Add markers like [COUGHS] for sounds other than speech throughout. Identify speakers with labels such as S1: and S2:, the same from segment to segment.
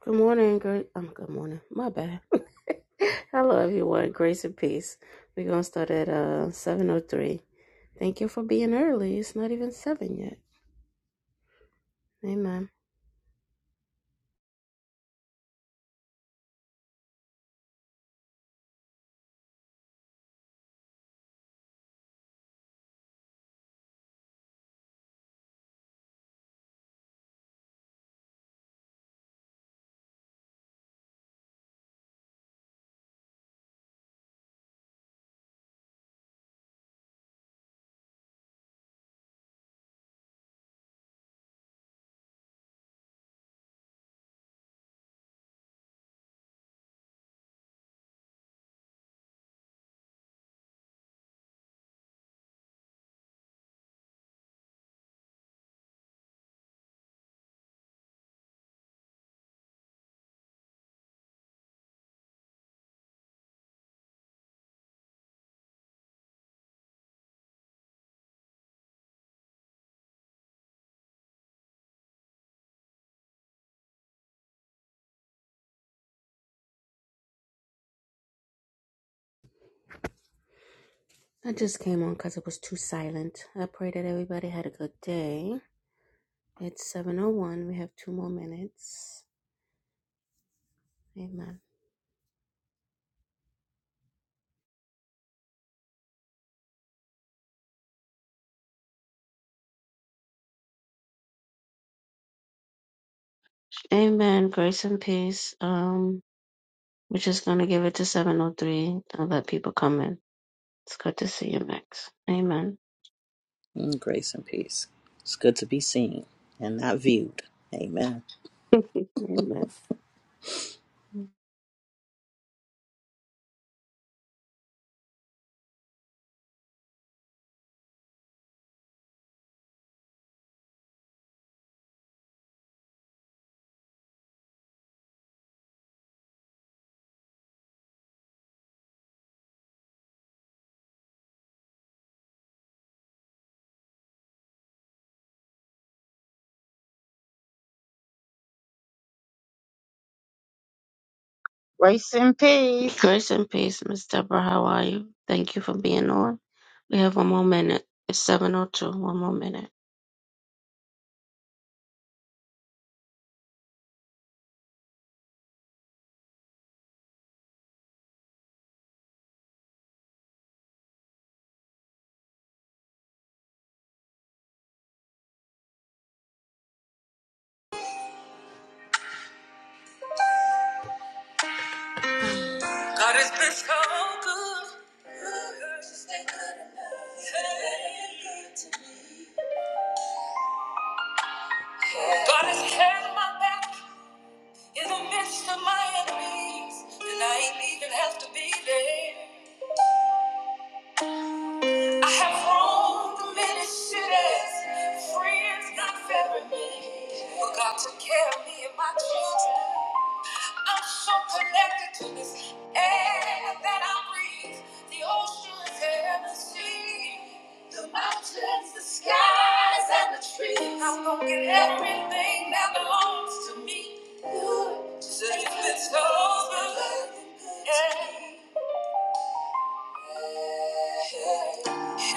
S1: Good morning, great. Um, good morning. My bad. [LAUGHS] Hello, everyone. Grace and peace. We're gonna start at uh seven o three. Thank you for being early. It's not even seven yet. Amen. I just came on because it was too silent. I pray that everybody had a good day. It's seven o one. We have two more minutes. Amen. Amen. Grace and peace. Um, we're just gonna give it to seven o three and let people come in. It's good to see you, Max. Amen.
S2: Mm, grace and peace. It's good to be seen and not viewed. Amen.
S1: Amen.
S3: Grace and peace.
S1: Grace and peace, Miss Deborah. How are you? Thank you for being on. We have one more minute. It's 7.02. One more minute.
S2: God has been so good. He's been good enough. He's been good to me. God has had my back in the midst of my enemies, and I ain't even have to be there. I have roamed many cities, friends not favoring me, but God took care of me and my children. I'm so connected to this air that I breathe, the oceans and the sea, the mountains, the skies, and the trees. I'm gonna get everything that belongs to me. Lord, just it's been so good. Yeah.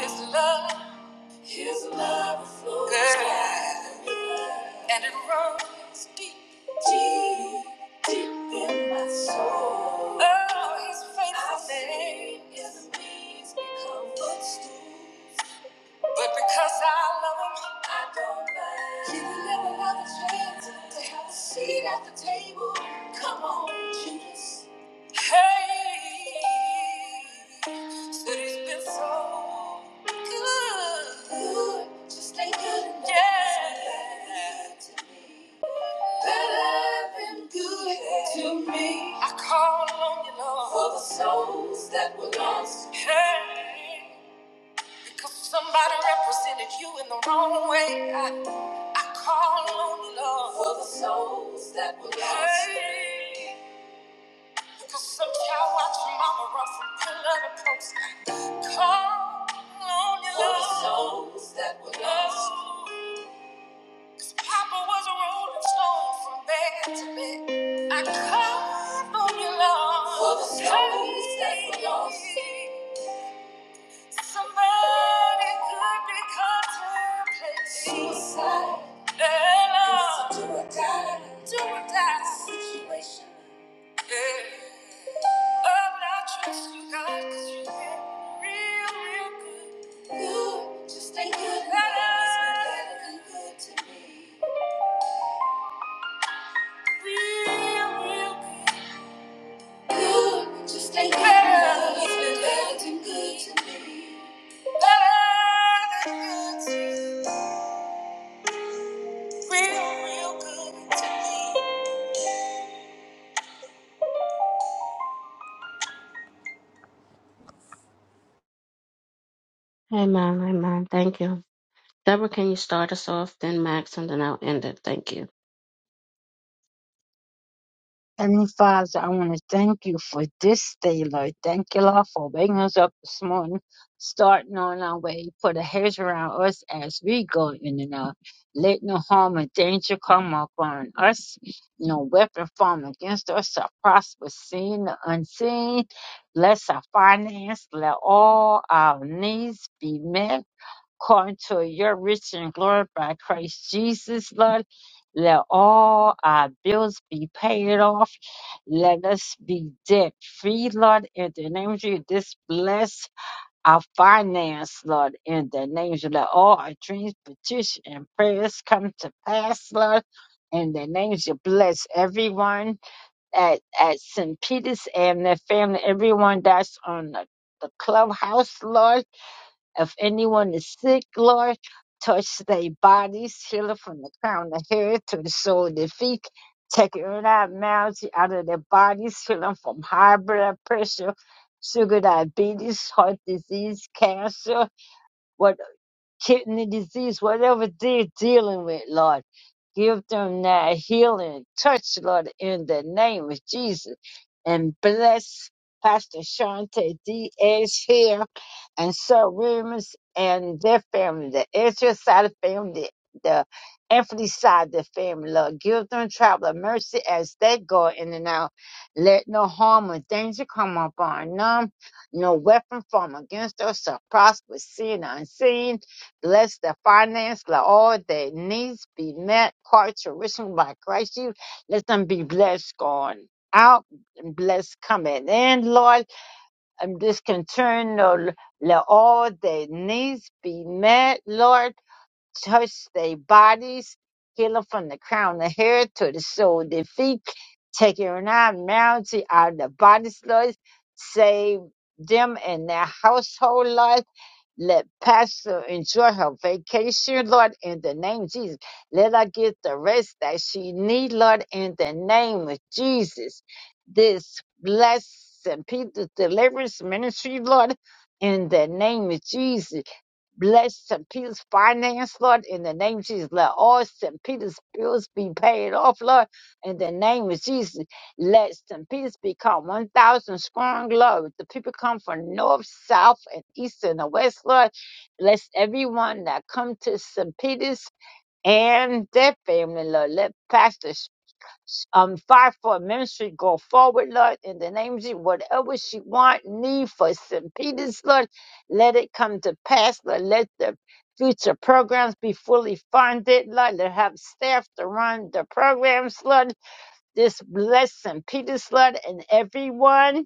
S2: His love. His love flows wide and it runs deep, deep, deep in my soul. Oh, His faithfulness is a means become footstool. But because I love him, I don't mind. He will never another chance to have a seat at the table. Come on, Judas. Hey, said he's been so good. Just ain't good enough. Yeah. Better than good to me. I call on you, Lord. For the souls that were lost. Hey. Cause somebody represented you in the wrong way. I, I call on the Lord for the souls that were lost. Hey. Cause some child watched your mama run from pillar to post. I call on the For the Lord. souls that were lost. Cause Papa was a rolling stone from bed to bed. I call on your Lord. For the souls that were lost. Somebody could be contemplating suicide. Yeah, It's a do or die. Do or die situation. Yeah. Oh, but I trust you, God, 'cause you've been real, real good. You just ain't good. to me. it been better than good to me. Real, real good. You just ain't good. to me. it been better than good to me. Better than good to me.
S1: Amen. Amen. Thank you. Deborah, can you start us off, then Max, and then I'll end it. Thank you.
S3: Heavenly Father, I want to thank you for this day, Lord. Thank you, Lord, for waking us up this morning, starting on our way. Put a hedge around us as we go in and out. Let no harm or danger come upon us. No weapon formed against us shall prosper, seen or unseen. Bless our finance. Let all our needs be met. according to your riches and glory by Christ Jesus, Lord. Let all our bills be paid off. Let us be debt free, Lord, in the name of Jesus. This bless our finance, Lord, in the name of Jesus. Let all our dreams, petitions, and prayers come to pass, Lord. In the name of Jesus, bless everyone at, at St. Peter's and their family, everyone that's on the, the clubhouse, Lord if anyone is sick, Lord, touch their bodies, heal it from the crown of the head to the sole of their feet. Take every abnormality out of their bodies, heal them from high blood pressure, sugar diabetes, heart disease, cancer, kidney disease, whatever they're dealing with, Lord. Give them that healing touch, Lord, in the name of Jesus. And bless Pastor Shante Diaz here and Sir Remus and their family, the Ezra side of the family, the Anthony side of the family, Lord. Give them travel mercy as they go in and out. Let no harm or danger come upon them. No weapon formed against us shall prosper, seen or unseen let the finance, let all their needs be met, parts are risen by Christ Jesus. Let them be blessed going out and blessed coming in, Lord. I'm discontent, Lord. Let all their needs be met, Lord. Touch their bodies, heal them from the crown of hair to the sole of their feet. Take your abnormality out of the bodies, Lord. Save them and their household, Lord let Pastor enjoy her vacation, Lord, in the name of Jesus. Let her get the rest that she needs, Lord, in the name of Jesus. This blessing, Peter Deliverance Ministry, Lord, in the name of Jesus. Bless St. Peter's finance, Lord, in the name of Jesus. Let all St. Peter's bills be paid off, Lord, in the name of Jesus. Let St. Peter's become 1,000 strong, Lord. The people come from north, south, and east and the west, Lord. Bless everyone that come to St. Peter's and their family, Lord. Let Pastor um, fire for ministry go forward, Lord, in the name of Jesus. Whatever she want, need for St. Peter's, Lord, let it come to pass, Lord. Let the future programs be fully funded, Lord. Let her have staff to run the programs, Lord this blessing. Peter Slut and everyone,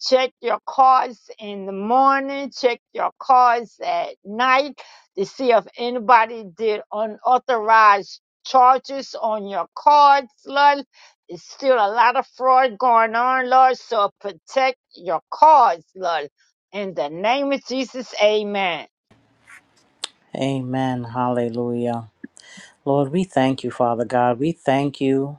S3: check your cars in the morning, check your cars at night to see if anybody did unauthorized charges on your cards, Lord. It's still a lot of fraud going on, Lord, so protect your cards, Lord. In the name of Jesus, amen.
S2: Amen. Hallelujah. Lord, we thank you, Father God. We thank you.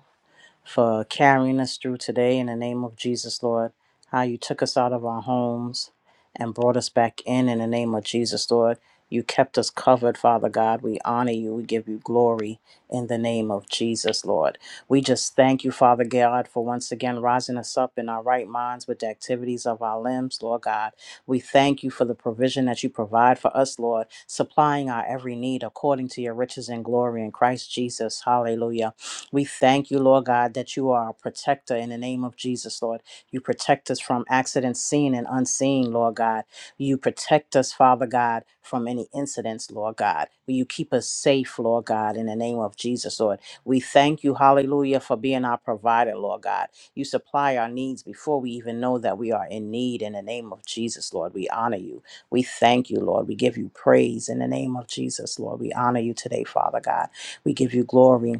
S2: for carrying us through today in the name of Jesus, Lord. How you took us out of our homes and brought us back in in the name of Jesus, Lord. You kept us covered, Father God. We honor you. We give you glory in the name of Jesus, Lord. We just thank you, Father God, for once again rising us up in our right minds with the activities of our limbs, Lord God. We thank you for the provision that you provide for us, Lord, supplying our every need according to your riches and glory in Christ Jesus. Hallelujah. We thank you, Lord God, that you are a protector in the name of Jesus, Lord. You protect us from accidents seen and unseen, Lord God. You protect us, Father God, from any incidents, Lord God. Will you keep us safe, Lord God, in the name of Jesus, Lord? We thank you, hallelujah, for being our provider, Lord God. You supply our needs before we even know that we are in need in the name of Jesus, Lord. We honor you. We thank you, Lord. We give you praise in the name of Jesus, Lord. We honor you today, Father God. We give you glory.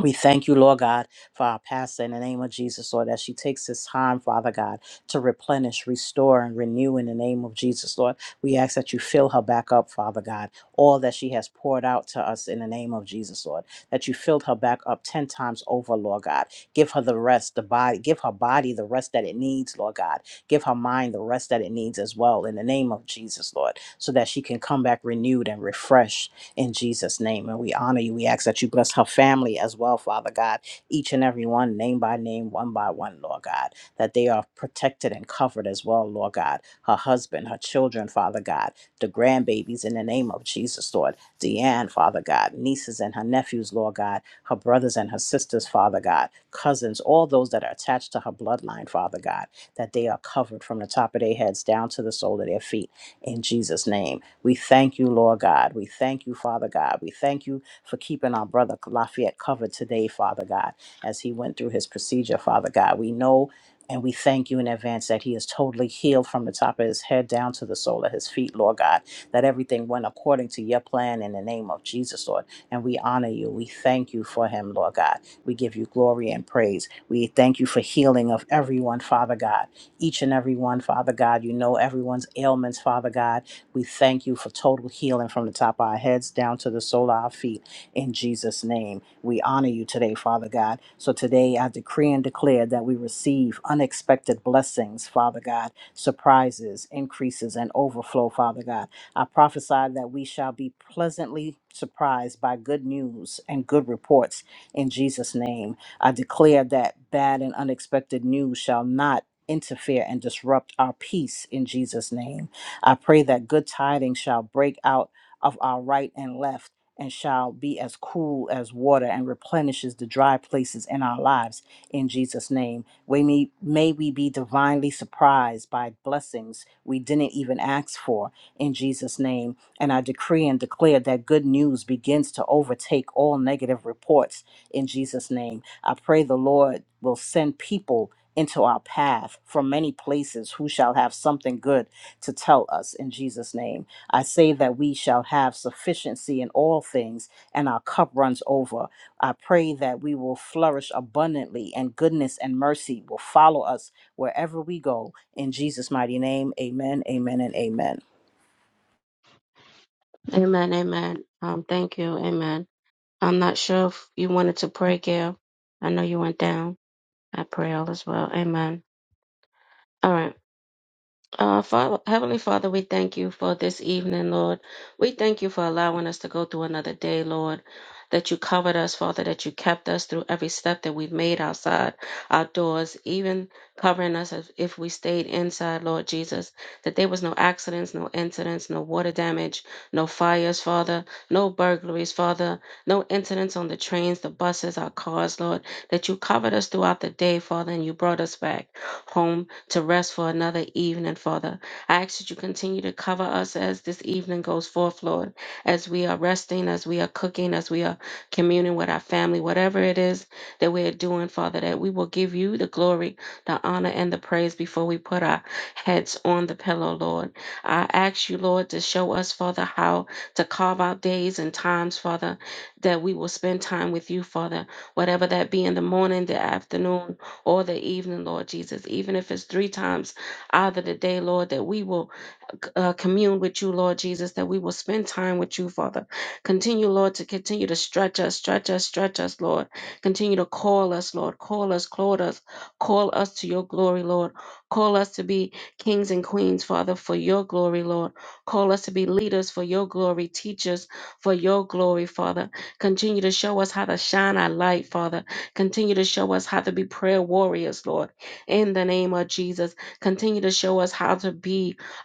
S2: We thank you, Lord God, for our pastor in the name of Jesus, Lord, that she takes this time, Father God, to replenish, restore, and renew in the name of Jesus, Lord. We ask that you fill her back up, Father God, all that she has poured out to us in the name of Jesus, Lord, that you filled her back up 10 times over, Lord God. Give her the rest, the body, give her body the rest that it needs, Lord God. Give her mind the rest that it needs as well in the name of Jesus, Lord, so that she can come back renewed and refreshed in Jesus' name. And we honor you. We ask that you bless her family as well, Father God, each and every one, name by name, one by one, Lord God, that they are protected and covered as well, Lord God. Her husband, her children, Father God, the grandbabies in the name of Jesus, Lord. Deanne, Father God, nieces and her nephews, Lord God, her brothers and her sisters, Father God, cousins, all those that are attached to her bloodline, Father God, that they are covered from the top of their heads down to the sole of their feet in Jesus' name we thank you, Lord God. We thank you, Father God. We thank you for keeping our brother Lafayette covered today, Father God, as he went through his procedure, Father God. We know and we thank you in advance that he is totally healed from the top of his head down to the sole of his feet, Lord God. That everything went according to your plan in the name of Jesus, Lord. And we honor you. We thank you for him, Lord God. We give you glory and praise. We thank you for healing of everyone, Father God. Each and every one, Father God. You know everyone's ailments, Father God we thank you for total healing from the top of our heads down to the sole of our feet in Jesus' name. We honor you today, Father God. So today I decree and declare that we receive unexpected blessings, Father God, surprises, increases, and overflow, Father God. I prophesy that we shall be pleasantly surprised by good news and good reports in Jesus' name. I declare that bad and unexpected news shall not interfere and disrupt our peace in Jesus' name. I pray that good tidings shall break out of our right and left and shall be as cool as water and replenishes the dry places in our lives in Jesus name. We may, may we be divinely surprised by blessings we didn't even ask for in Jesus name. And I decree and declare that good news begins to overtake all negative reports in Jesus name. I pray the Lord will send people into our path from many places who shall have something good to tell us in Jesus' name. I say that we shall have sufficiency in all things and our cup runs over. I pray that we will flourish abundantly and goodness and mercy will follow us wherever we go. In Jesus' mighty name, amen, amen, and amen.
S1: Amen. Amen. Um, thank you. Amen. I'm not sure if you wanted to pray, Gail. I know you went down. I pray all as well. Amen. All right. Uh, Father, Heavenly Father, we thank you for this evening, Lord. We thank you for allowing us to go through another day, Lord. That you covered us, Father, that you kept us through every step that we've made outside our doors, even covering us if if we stayed inside, Lord Jesus. That there was no accidents, no incidents, no water damage, no fires, Father, no burglaries, Father, no incidents on the trains, the buses, our cars, Lord. That you covered us throughout the day, Father, and you brought us back home to rest for another evening, Father. I ask that you continue to cover us as this evening goes forth, Lord, as we are resting, as we are cooking, as we are communing with our family, whatever it is that we are doing, Father, that we will give you the glory, the honor, and the praise before we put our heads on the pillow, Lord. I ask you, Lord, to show us, Father, how to carve out days and times, Father, that we will spend time with you, Father, whatever that be in the morning, the afternoon, or the evening, Lord Jesus, even if it's three times out of the day, Lord, that we will uh, commune with you, Lord Jesus, that we will spend time with you, Father. Continue, Lord, to continue to stretch us, stretch us, stretch us, Lord. Continue to call us, Lord. Call us, call us, call us to your glory, Lord. Call us to be kings and queens, Father, for your glory, Lord. Call us to be leaders for your glory, teachers for your glory, Father. Continue to show us how to shine our light, Father. Continue to show us how to be prayer warriors, Lord. In the name of Jesus, continue to show us how to be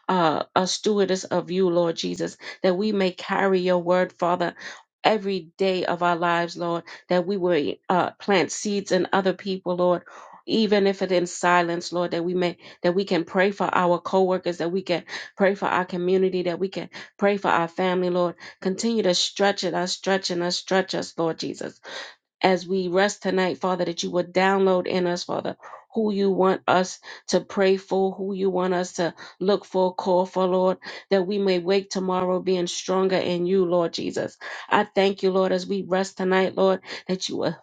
S1: uh, a stewardess of you, Lord Jesus, that we may carry your word, Father. Every day of our lives, Lord, that we will uh, plant seeds in other people, Lord, even if it in silence, Lord, that we may that we can pray for our coworkers, that we can pray for our community, that we can pray for our family, Lord. Continue to stretch it, us, stretching us, stretch us, Lord Jesus as we rest tonight, Father, that you would download in us, Father, who you want us to pray for, who you want us to look for, call for, Lord, that we may wake tomorrow being stronger in you, Lord Jesus. I thank you, Lord, as we rest tonight, Lord, that you will,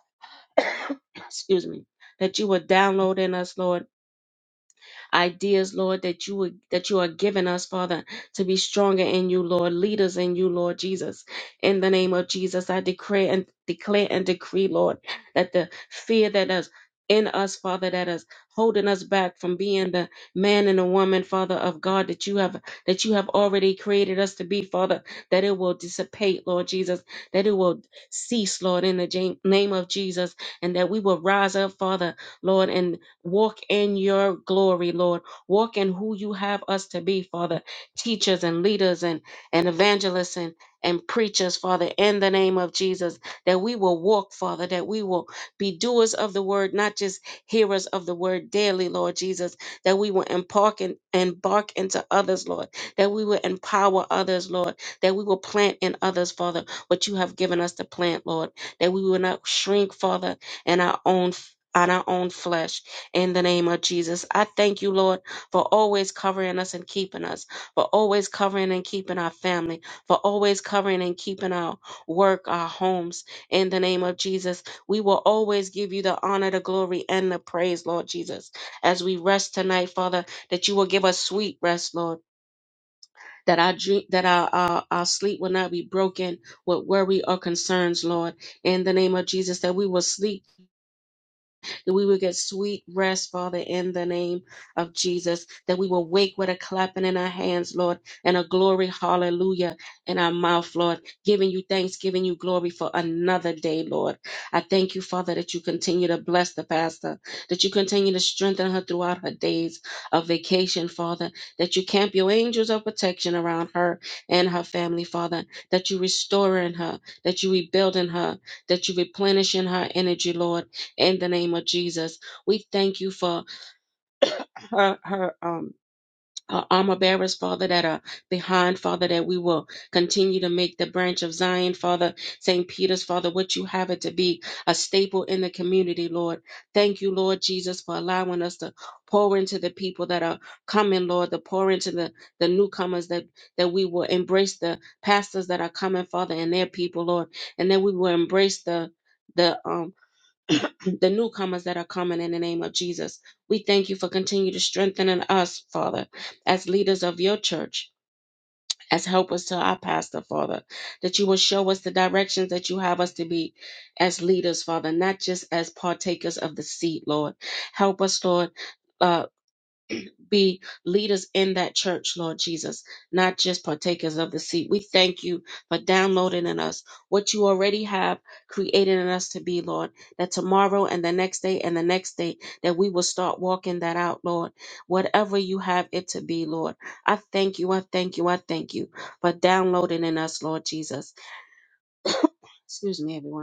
S1: [COUGHS] excuse me, that you will download in us, Lord ideas, Lord, that you would that you are giving us, Father, to be stronger in you, Lord, leaders in you, Lord Jesus. In the name of Jesus, I declare and declare and decree, Lord, that the fear that is in us, Father, that is holding us back from being the man and the woman, Father of God, that you have that you have already created us to be, Father, that it will dissipate, Lord Jesus, that it will cease, Lord, in the ja- name of Jesus, and that we will rise up, Father, Lord, in Walk in your glory, Lord. Walk in who you have us to be, Father. Teachers and leaders and, and evangelists and, and preachers, Father, in the name of Jesus, that we will walk, Father, that we will be doers of the word, not just hearers of the word daily, Lord Jesus, that we will embark, and, embark into others, Lord, that we will empower others, Lord, that we will plant in others, Father, what you have given us to plant, Lord, that we will not shrink, Father, in our own on our own flesh, in the name of Jesus. I thank you, Lord, for always covering us and keeping us, for always covering and keeping our family, for always covering and keeping our work, our homes. In the name of Jesus, we will always give you the honor, the glory, and the praise, Lord Jesus. As we rest tonight, Father, that you will give us sweet rest, Lord. That our dream, that our, our our sleep will not be broken with worry or concerns, Lord. In the name of Jesus, that we will sleep that we will get sweet rest, Father, in the name of Jesus, that we will wake with a clapping in our hands, Lord, and a glory, hallelujah, in our mouth, Lord, giving you thanks, giving you glory for another day, Lord. I thank you, Father, that you continue to bless the pastor, that you continue to strengthen her throughout her days of vacation, Father, that you camp your angels of protection around her and her family, Father, that you restore in her, that you rebuild in her, that you replenish in her energy, Lord in the name of Jesus. We thank you for her her um her armor bearers, Father, that are behind, Father, that we will continue to make the branch of Zion, Father, St. Peter's, Father, what you have it to be a staple in the community, Lord. Thank you, Lord Jesus, for allowing us to pour into the people that are coming, Lord, to pour into the, the newcomers that, that we will embrace the pastors that are coming, Father, and their people, Lord, and that we will embrace the the um the newcomers that are coming in the name of Jesus. We thank you for continuing to strengthen in us, Father, as leaders of your church, as helpers to our pastor, Father, that you will show us the directions that you have us to be as leaders, Father, not just as partakers of the seed, Lord. Help us, Lord. uh, be leaders in that church, Lord Jesus, not just partakers of the seat. We thank you for downloading in us what you already have created in us to be, Lord, that tomorrow and the next day and the next day that we will start walking that out, Lord, whatever you have it to be, Lord. I thank you, I thank you, I thank you for downloading in us, Lord Jesus. Excuse me, everyone.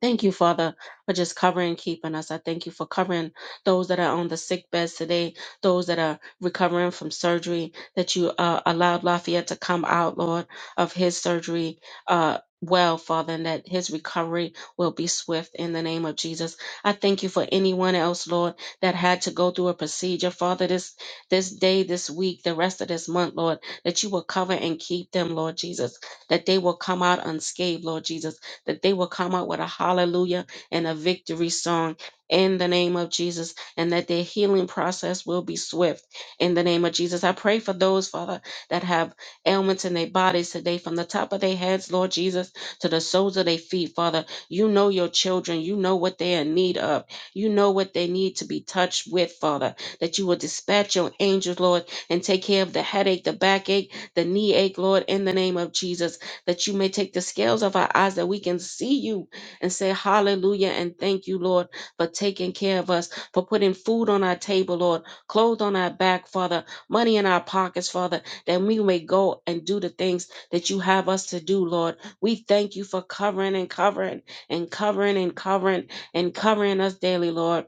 S1: Thank you, Father, for just covering, keeping us. I thank you for covering those that are on the sick beds today, those that are recovering from surgery, that you uh, allowed Lafayette to come out, Lord, of his surgery. Uh, well, Father, and that his recovery will be swift in the name of Jesus. I thank you for anyone else, Lord, that had to go through a procedure, Father, this this day, this week, the rest of this month, Lord, that you will cover and keep them, Lord Jesus, that they will come out unscathed, Lord Jesus that they will come out with a hallelujah and a victory song in the name of Jesus, and that their healing process will be swift in the name of Jesus. I pray for those, Father, that have ailments in their bodies today, from the top of their heads, Lord Jesus, to the soles of their feet, Father. You know your children, you know what they're in need of, you know what they need to be touched with, Father. That you will dispatch your angels, Lord, and take care of the headache, the backache, the knee ache, Lord, in the name of Jesus that you may take the scales of our eyes that we can see you and say hallelujah and thank you, Lord, for taking care of us, for putting food on our table, Lord, clothes on our back, Father, money in our pockets, Father, that we may go and do the things that you have us to do, Lord. We thank you for covering and covering and covering and covering and covering us daily, Lord.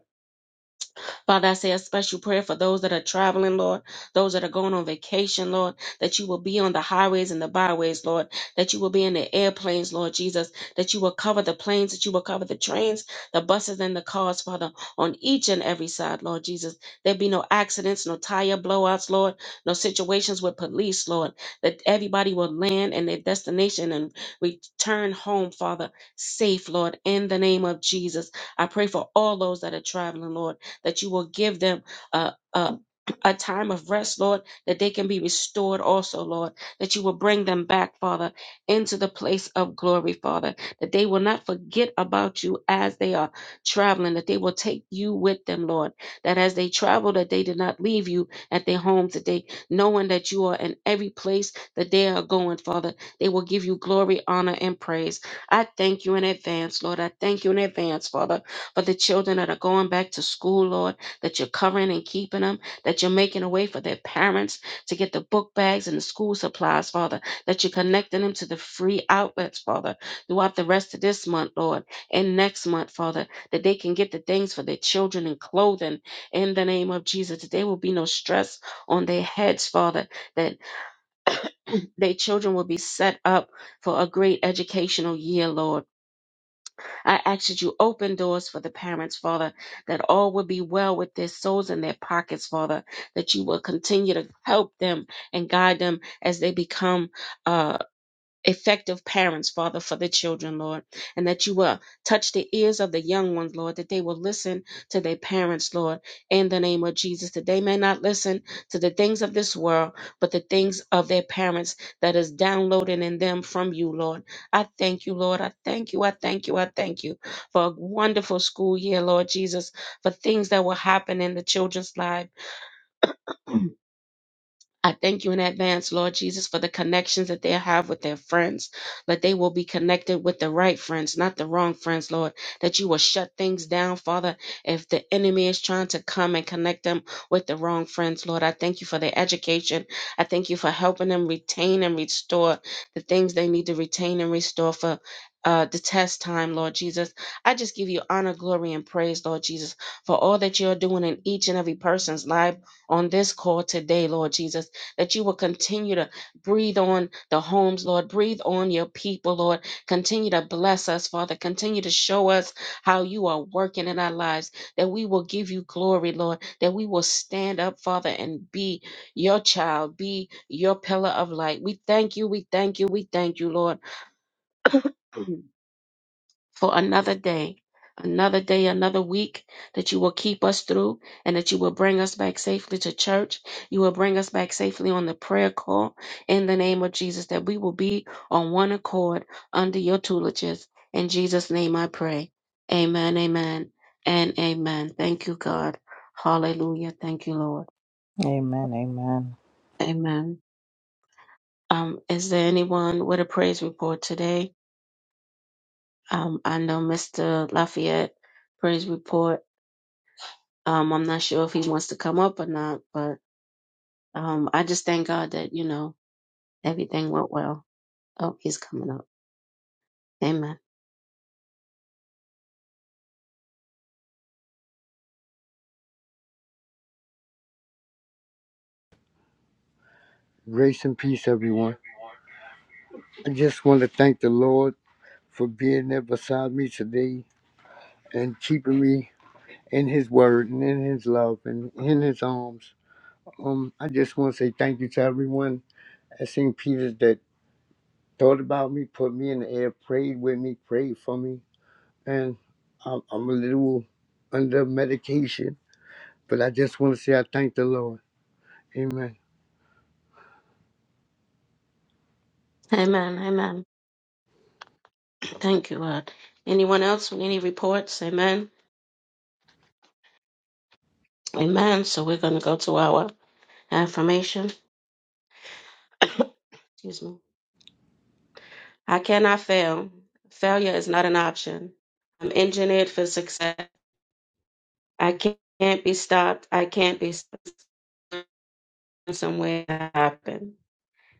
S1: Father, I say a special prayer for those that are traveling, Lord, those that are going on vacation, Lord, that you will be on the highways and the byways, Lord, that you will be in the airplanes, Lord Jesus, that you will cover the planes, that you will cover the trains, the buses, and the cars, Father, on each and every side, Lord Jesus. There be no accidents, no tire blowouts, Lord, no situations with police, Lord, that everybody will land in their destination and return home, Father, safe, Lord, in the name of Jesus. I pray for all those that are traveling, Lord that you will give them a, a, a time of rest, Lord, that they can be restored also, Lord, that you will bring them back, Father, into the place of glory, Father, that they will not forget about you as they are traveling, that they will take you with them, Lord, that as they travel, that they did not leave you at their homes, that they, knowing that you are in every place that they are going, Father, they will give you glory, honor, and praise. I thank you in advance, Lord. I thank you in advance, Father for the children that are going back to school, Lord, that you're covering and keeping them, that you're making a way for their parents to get the book bags and the school supplies, Father, that you're connecting them to the free outlets, Father, throughout the rest of this month, Lord, and next month, Father, that they can get the things for their children and clothing in the name of Jesus, that there will be no stress on their heads, Father, that their children will be set up for a great educational year, Lord I ask that you open doors for the parents, Father, that all will be well with their souls and their pockets, Father, that you will continue to help them and guide them as they become. uh, effective parents, Father, for the children, Lord, and that you will touch the ears of the young ones, Lord, that they will listen to their parents, Lord, in the name of Jesus, that they may not listen to the things of this world, but the things of their parents that is downloaded in them from you, Lord. I thank you, Lord. I thank you. I thank you. I thank you for a wonderful school year, Lord Jesus, for things that will happen in the children's life. [CLEARS THROAT] I thank you in advance, Lord Jesus, for the connections that they have with their friends, that they will be connected with the right friends, not the wrong friends, Lord, that you will shut things down, Father, if the enemy is trying to come and connect them with the wrong friends, Lord. I thank you for their education. I thank you for helping them retain and restore the things they need to retain and restore for. Uh, the test time, Lord Jesus. I just give you honor, glory, and praise, Lord Jesus, for all that you're doing in each and every person's life on this call today, Lord Jesus that you will continue to breathe on the homes, Lord. Breathe on your people, Lord. Continue to bless us, Father. Continue to show us how you are working in our lives, that we will give you glory, Lord, that we will stand up, Father, and be your child, be your pillar of light. We thank you, we thank you, we thank you, Lord. [CLEARS THROAT] for another day, another day, another week that you will keep us through and that you will bring us back safely to church. You will bring us back safely on the prayer call in the name of Jesus, that we will be on one accord under your tutelages. In Jesus' name I pray. Amen, amen, and amen. Thank you, God. Hallelujah. Thank you, Lord.
S2: Amen. Amen.
S1: Amen. Um, is there anyone with a praise report today? Um, I know Mr. Lafayette praise report Um, I'm not sure if he wants to come up or not, but um, I just thank God that, you know, everything went well. Oh, he's coming up. Amen.
S4: Grace and peace, everyone. I just want to thank the Lord for being there beside me today and keeping me in His word and in His love and in His arms. Um, I just want to say thank you to everyone at St. Peter's that thought about me, put me in the air, prayed with me, prayed for me. And I'm, I'm a little under medication, but I just want to say I thank the Lord. Amen.
S1: Amen. Amen. Thank you, Lord. Anyone else with any reports? Amen. Amen. So we're going to go to our affirmation. [COUGHS] Excuse me. I cannot fail. Failure is not an option. I'm engineered for success. I can't be stopped. I can't be stopped. somewhere to happen.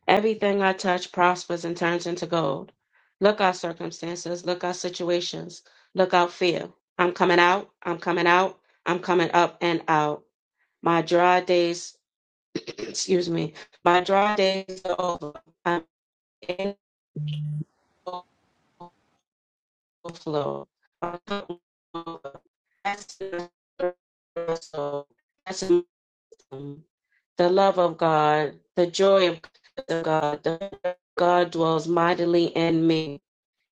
S1: Everything I touch prospers and turns into gold. Look out, circumstances. Look out, situations. Look out, fear. I'm coming out. I'm coming out. I'm coming up and out. My dry days, [CLEARS THROAT] excuse me, my dry days are over. I'm in overflow. My cup is over. That's the- so that's- the soul. the love of God, the joy of God, the God dwells mightily in me.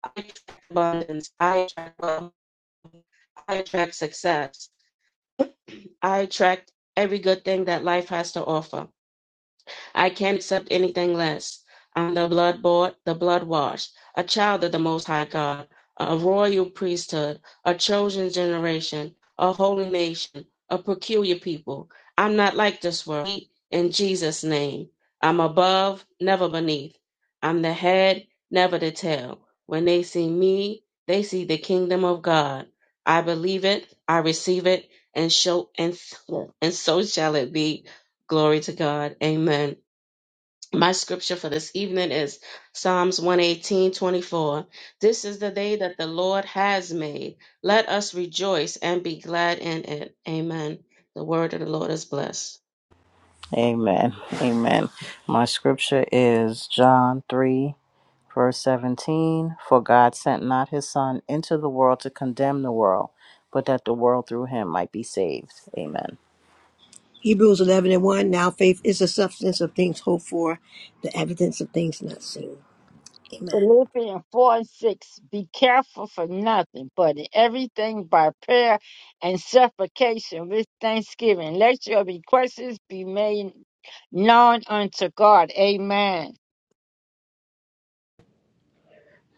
S1: I attract abundance. I attract wealth. I attract success. I attract every good thing that life has to offer. I can't accept anything less. I'm the blood bought, the blood washed, a child of the Most High God, a royal priesthood, a chosen generation, a holy nation, a peculiar people. I'm not like this world. In Jesus' name, I'm above, never beneath. I'm the head, never the tail. When they see me, they see the kingdom of God. I believe it, I receive it, and show and so, and so shall it be. Glory to God. Amen. My scripture for this evening is Psalms 118 24. This is the day that the Lord has made. Let us rejoice and be glad in it. Amen. The word of the Lord is blessed.
S2: Amen, amen. My scripture is John 3. Verse 17, for God sent not his Son into the world to condemn the world, but that the world through him might be saved. Amen.
S5: Hebrews 11 and 1. Now faith is the substance of things hoped for, the evidence of things not seen. Amen.
S3: Philippians 4 and 6 Be careful for nothing, but in everything by prayer and supplication with thanksgiving. Let your requests be made known unto God. Amen.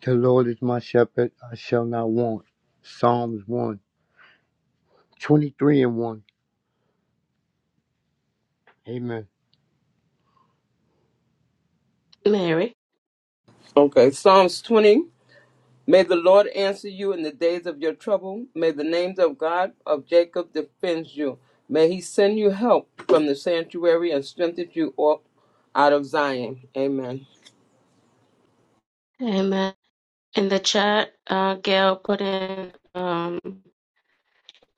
S4: The Lord is my shepherd, I shall not want. Psalms one 23 and 1. Amen.
S1: Mary.
S6: Okay, Psalms 20. May the Lord answer you in the days of your trouble. May the names of God of Jacob defend you. May he send you help from the sanctuary and strengthen you up out of Zion. Amen.
S1: Amen. In the chat, uh, Gail put in. um,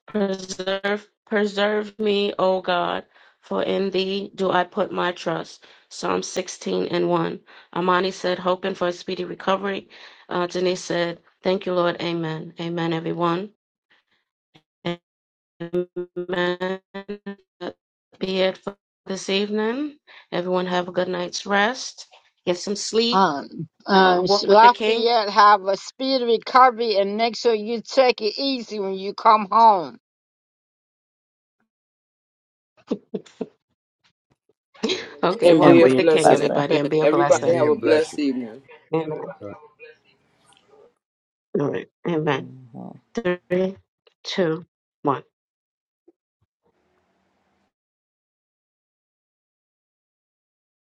S1: Preserve, preserve me, O God, for in thee do I put my trust. Psalm 16 and 1. Amani said, hoping for a speedy recovery. Uh, Denise said, thank you, Lord. Amen. Amen, everyone. Amen. That be it for this evening. Everyone have a good night's rest. Get some sleep.
S3: Um,
S1: Uh,
S3: um,
S1: walk with the king.
S3: Lafayette, have a speedy recovery and make sure you take it easy when you come home.
S1: Okay,
S6: And be
S1: walk
S2: and
S6: a
S1: with
S2: be
S1: the
S2: a
S1: king,
S6: blessing.
S2: blessing.
S1: everybody, and
S6: Amen.
S1: be a
S4: Hit
S6: Everybody
S1: blessing.
S4: me
S6: have a
S4: and bless
S6: blessed
S4: you.
S6: evening.
S1: Amen. All right. Amen.
S2: Mhm.
S1: Three, two, one.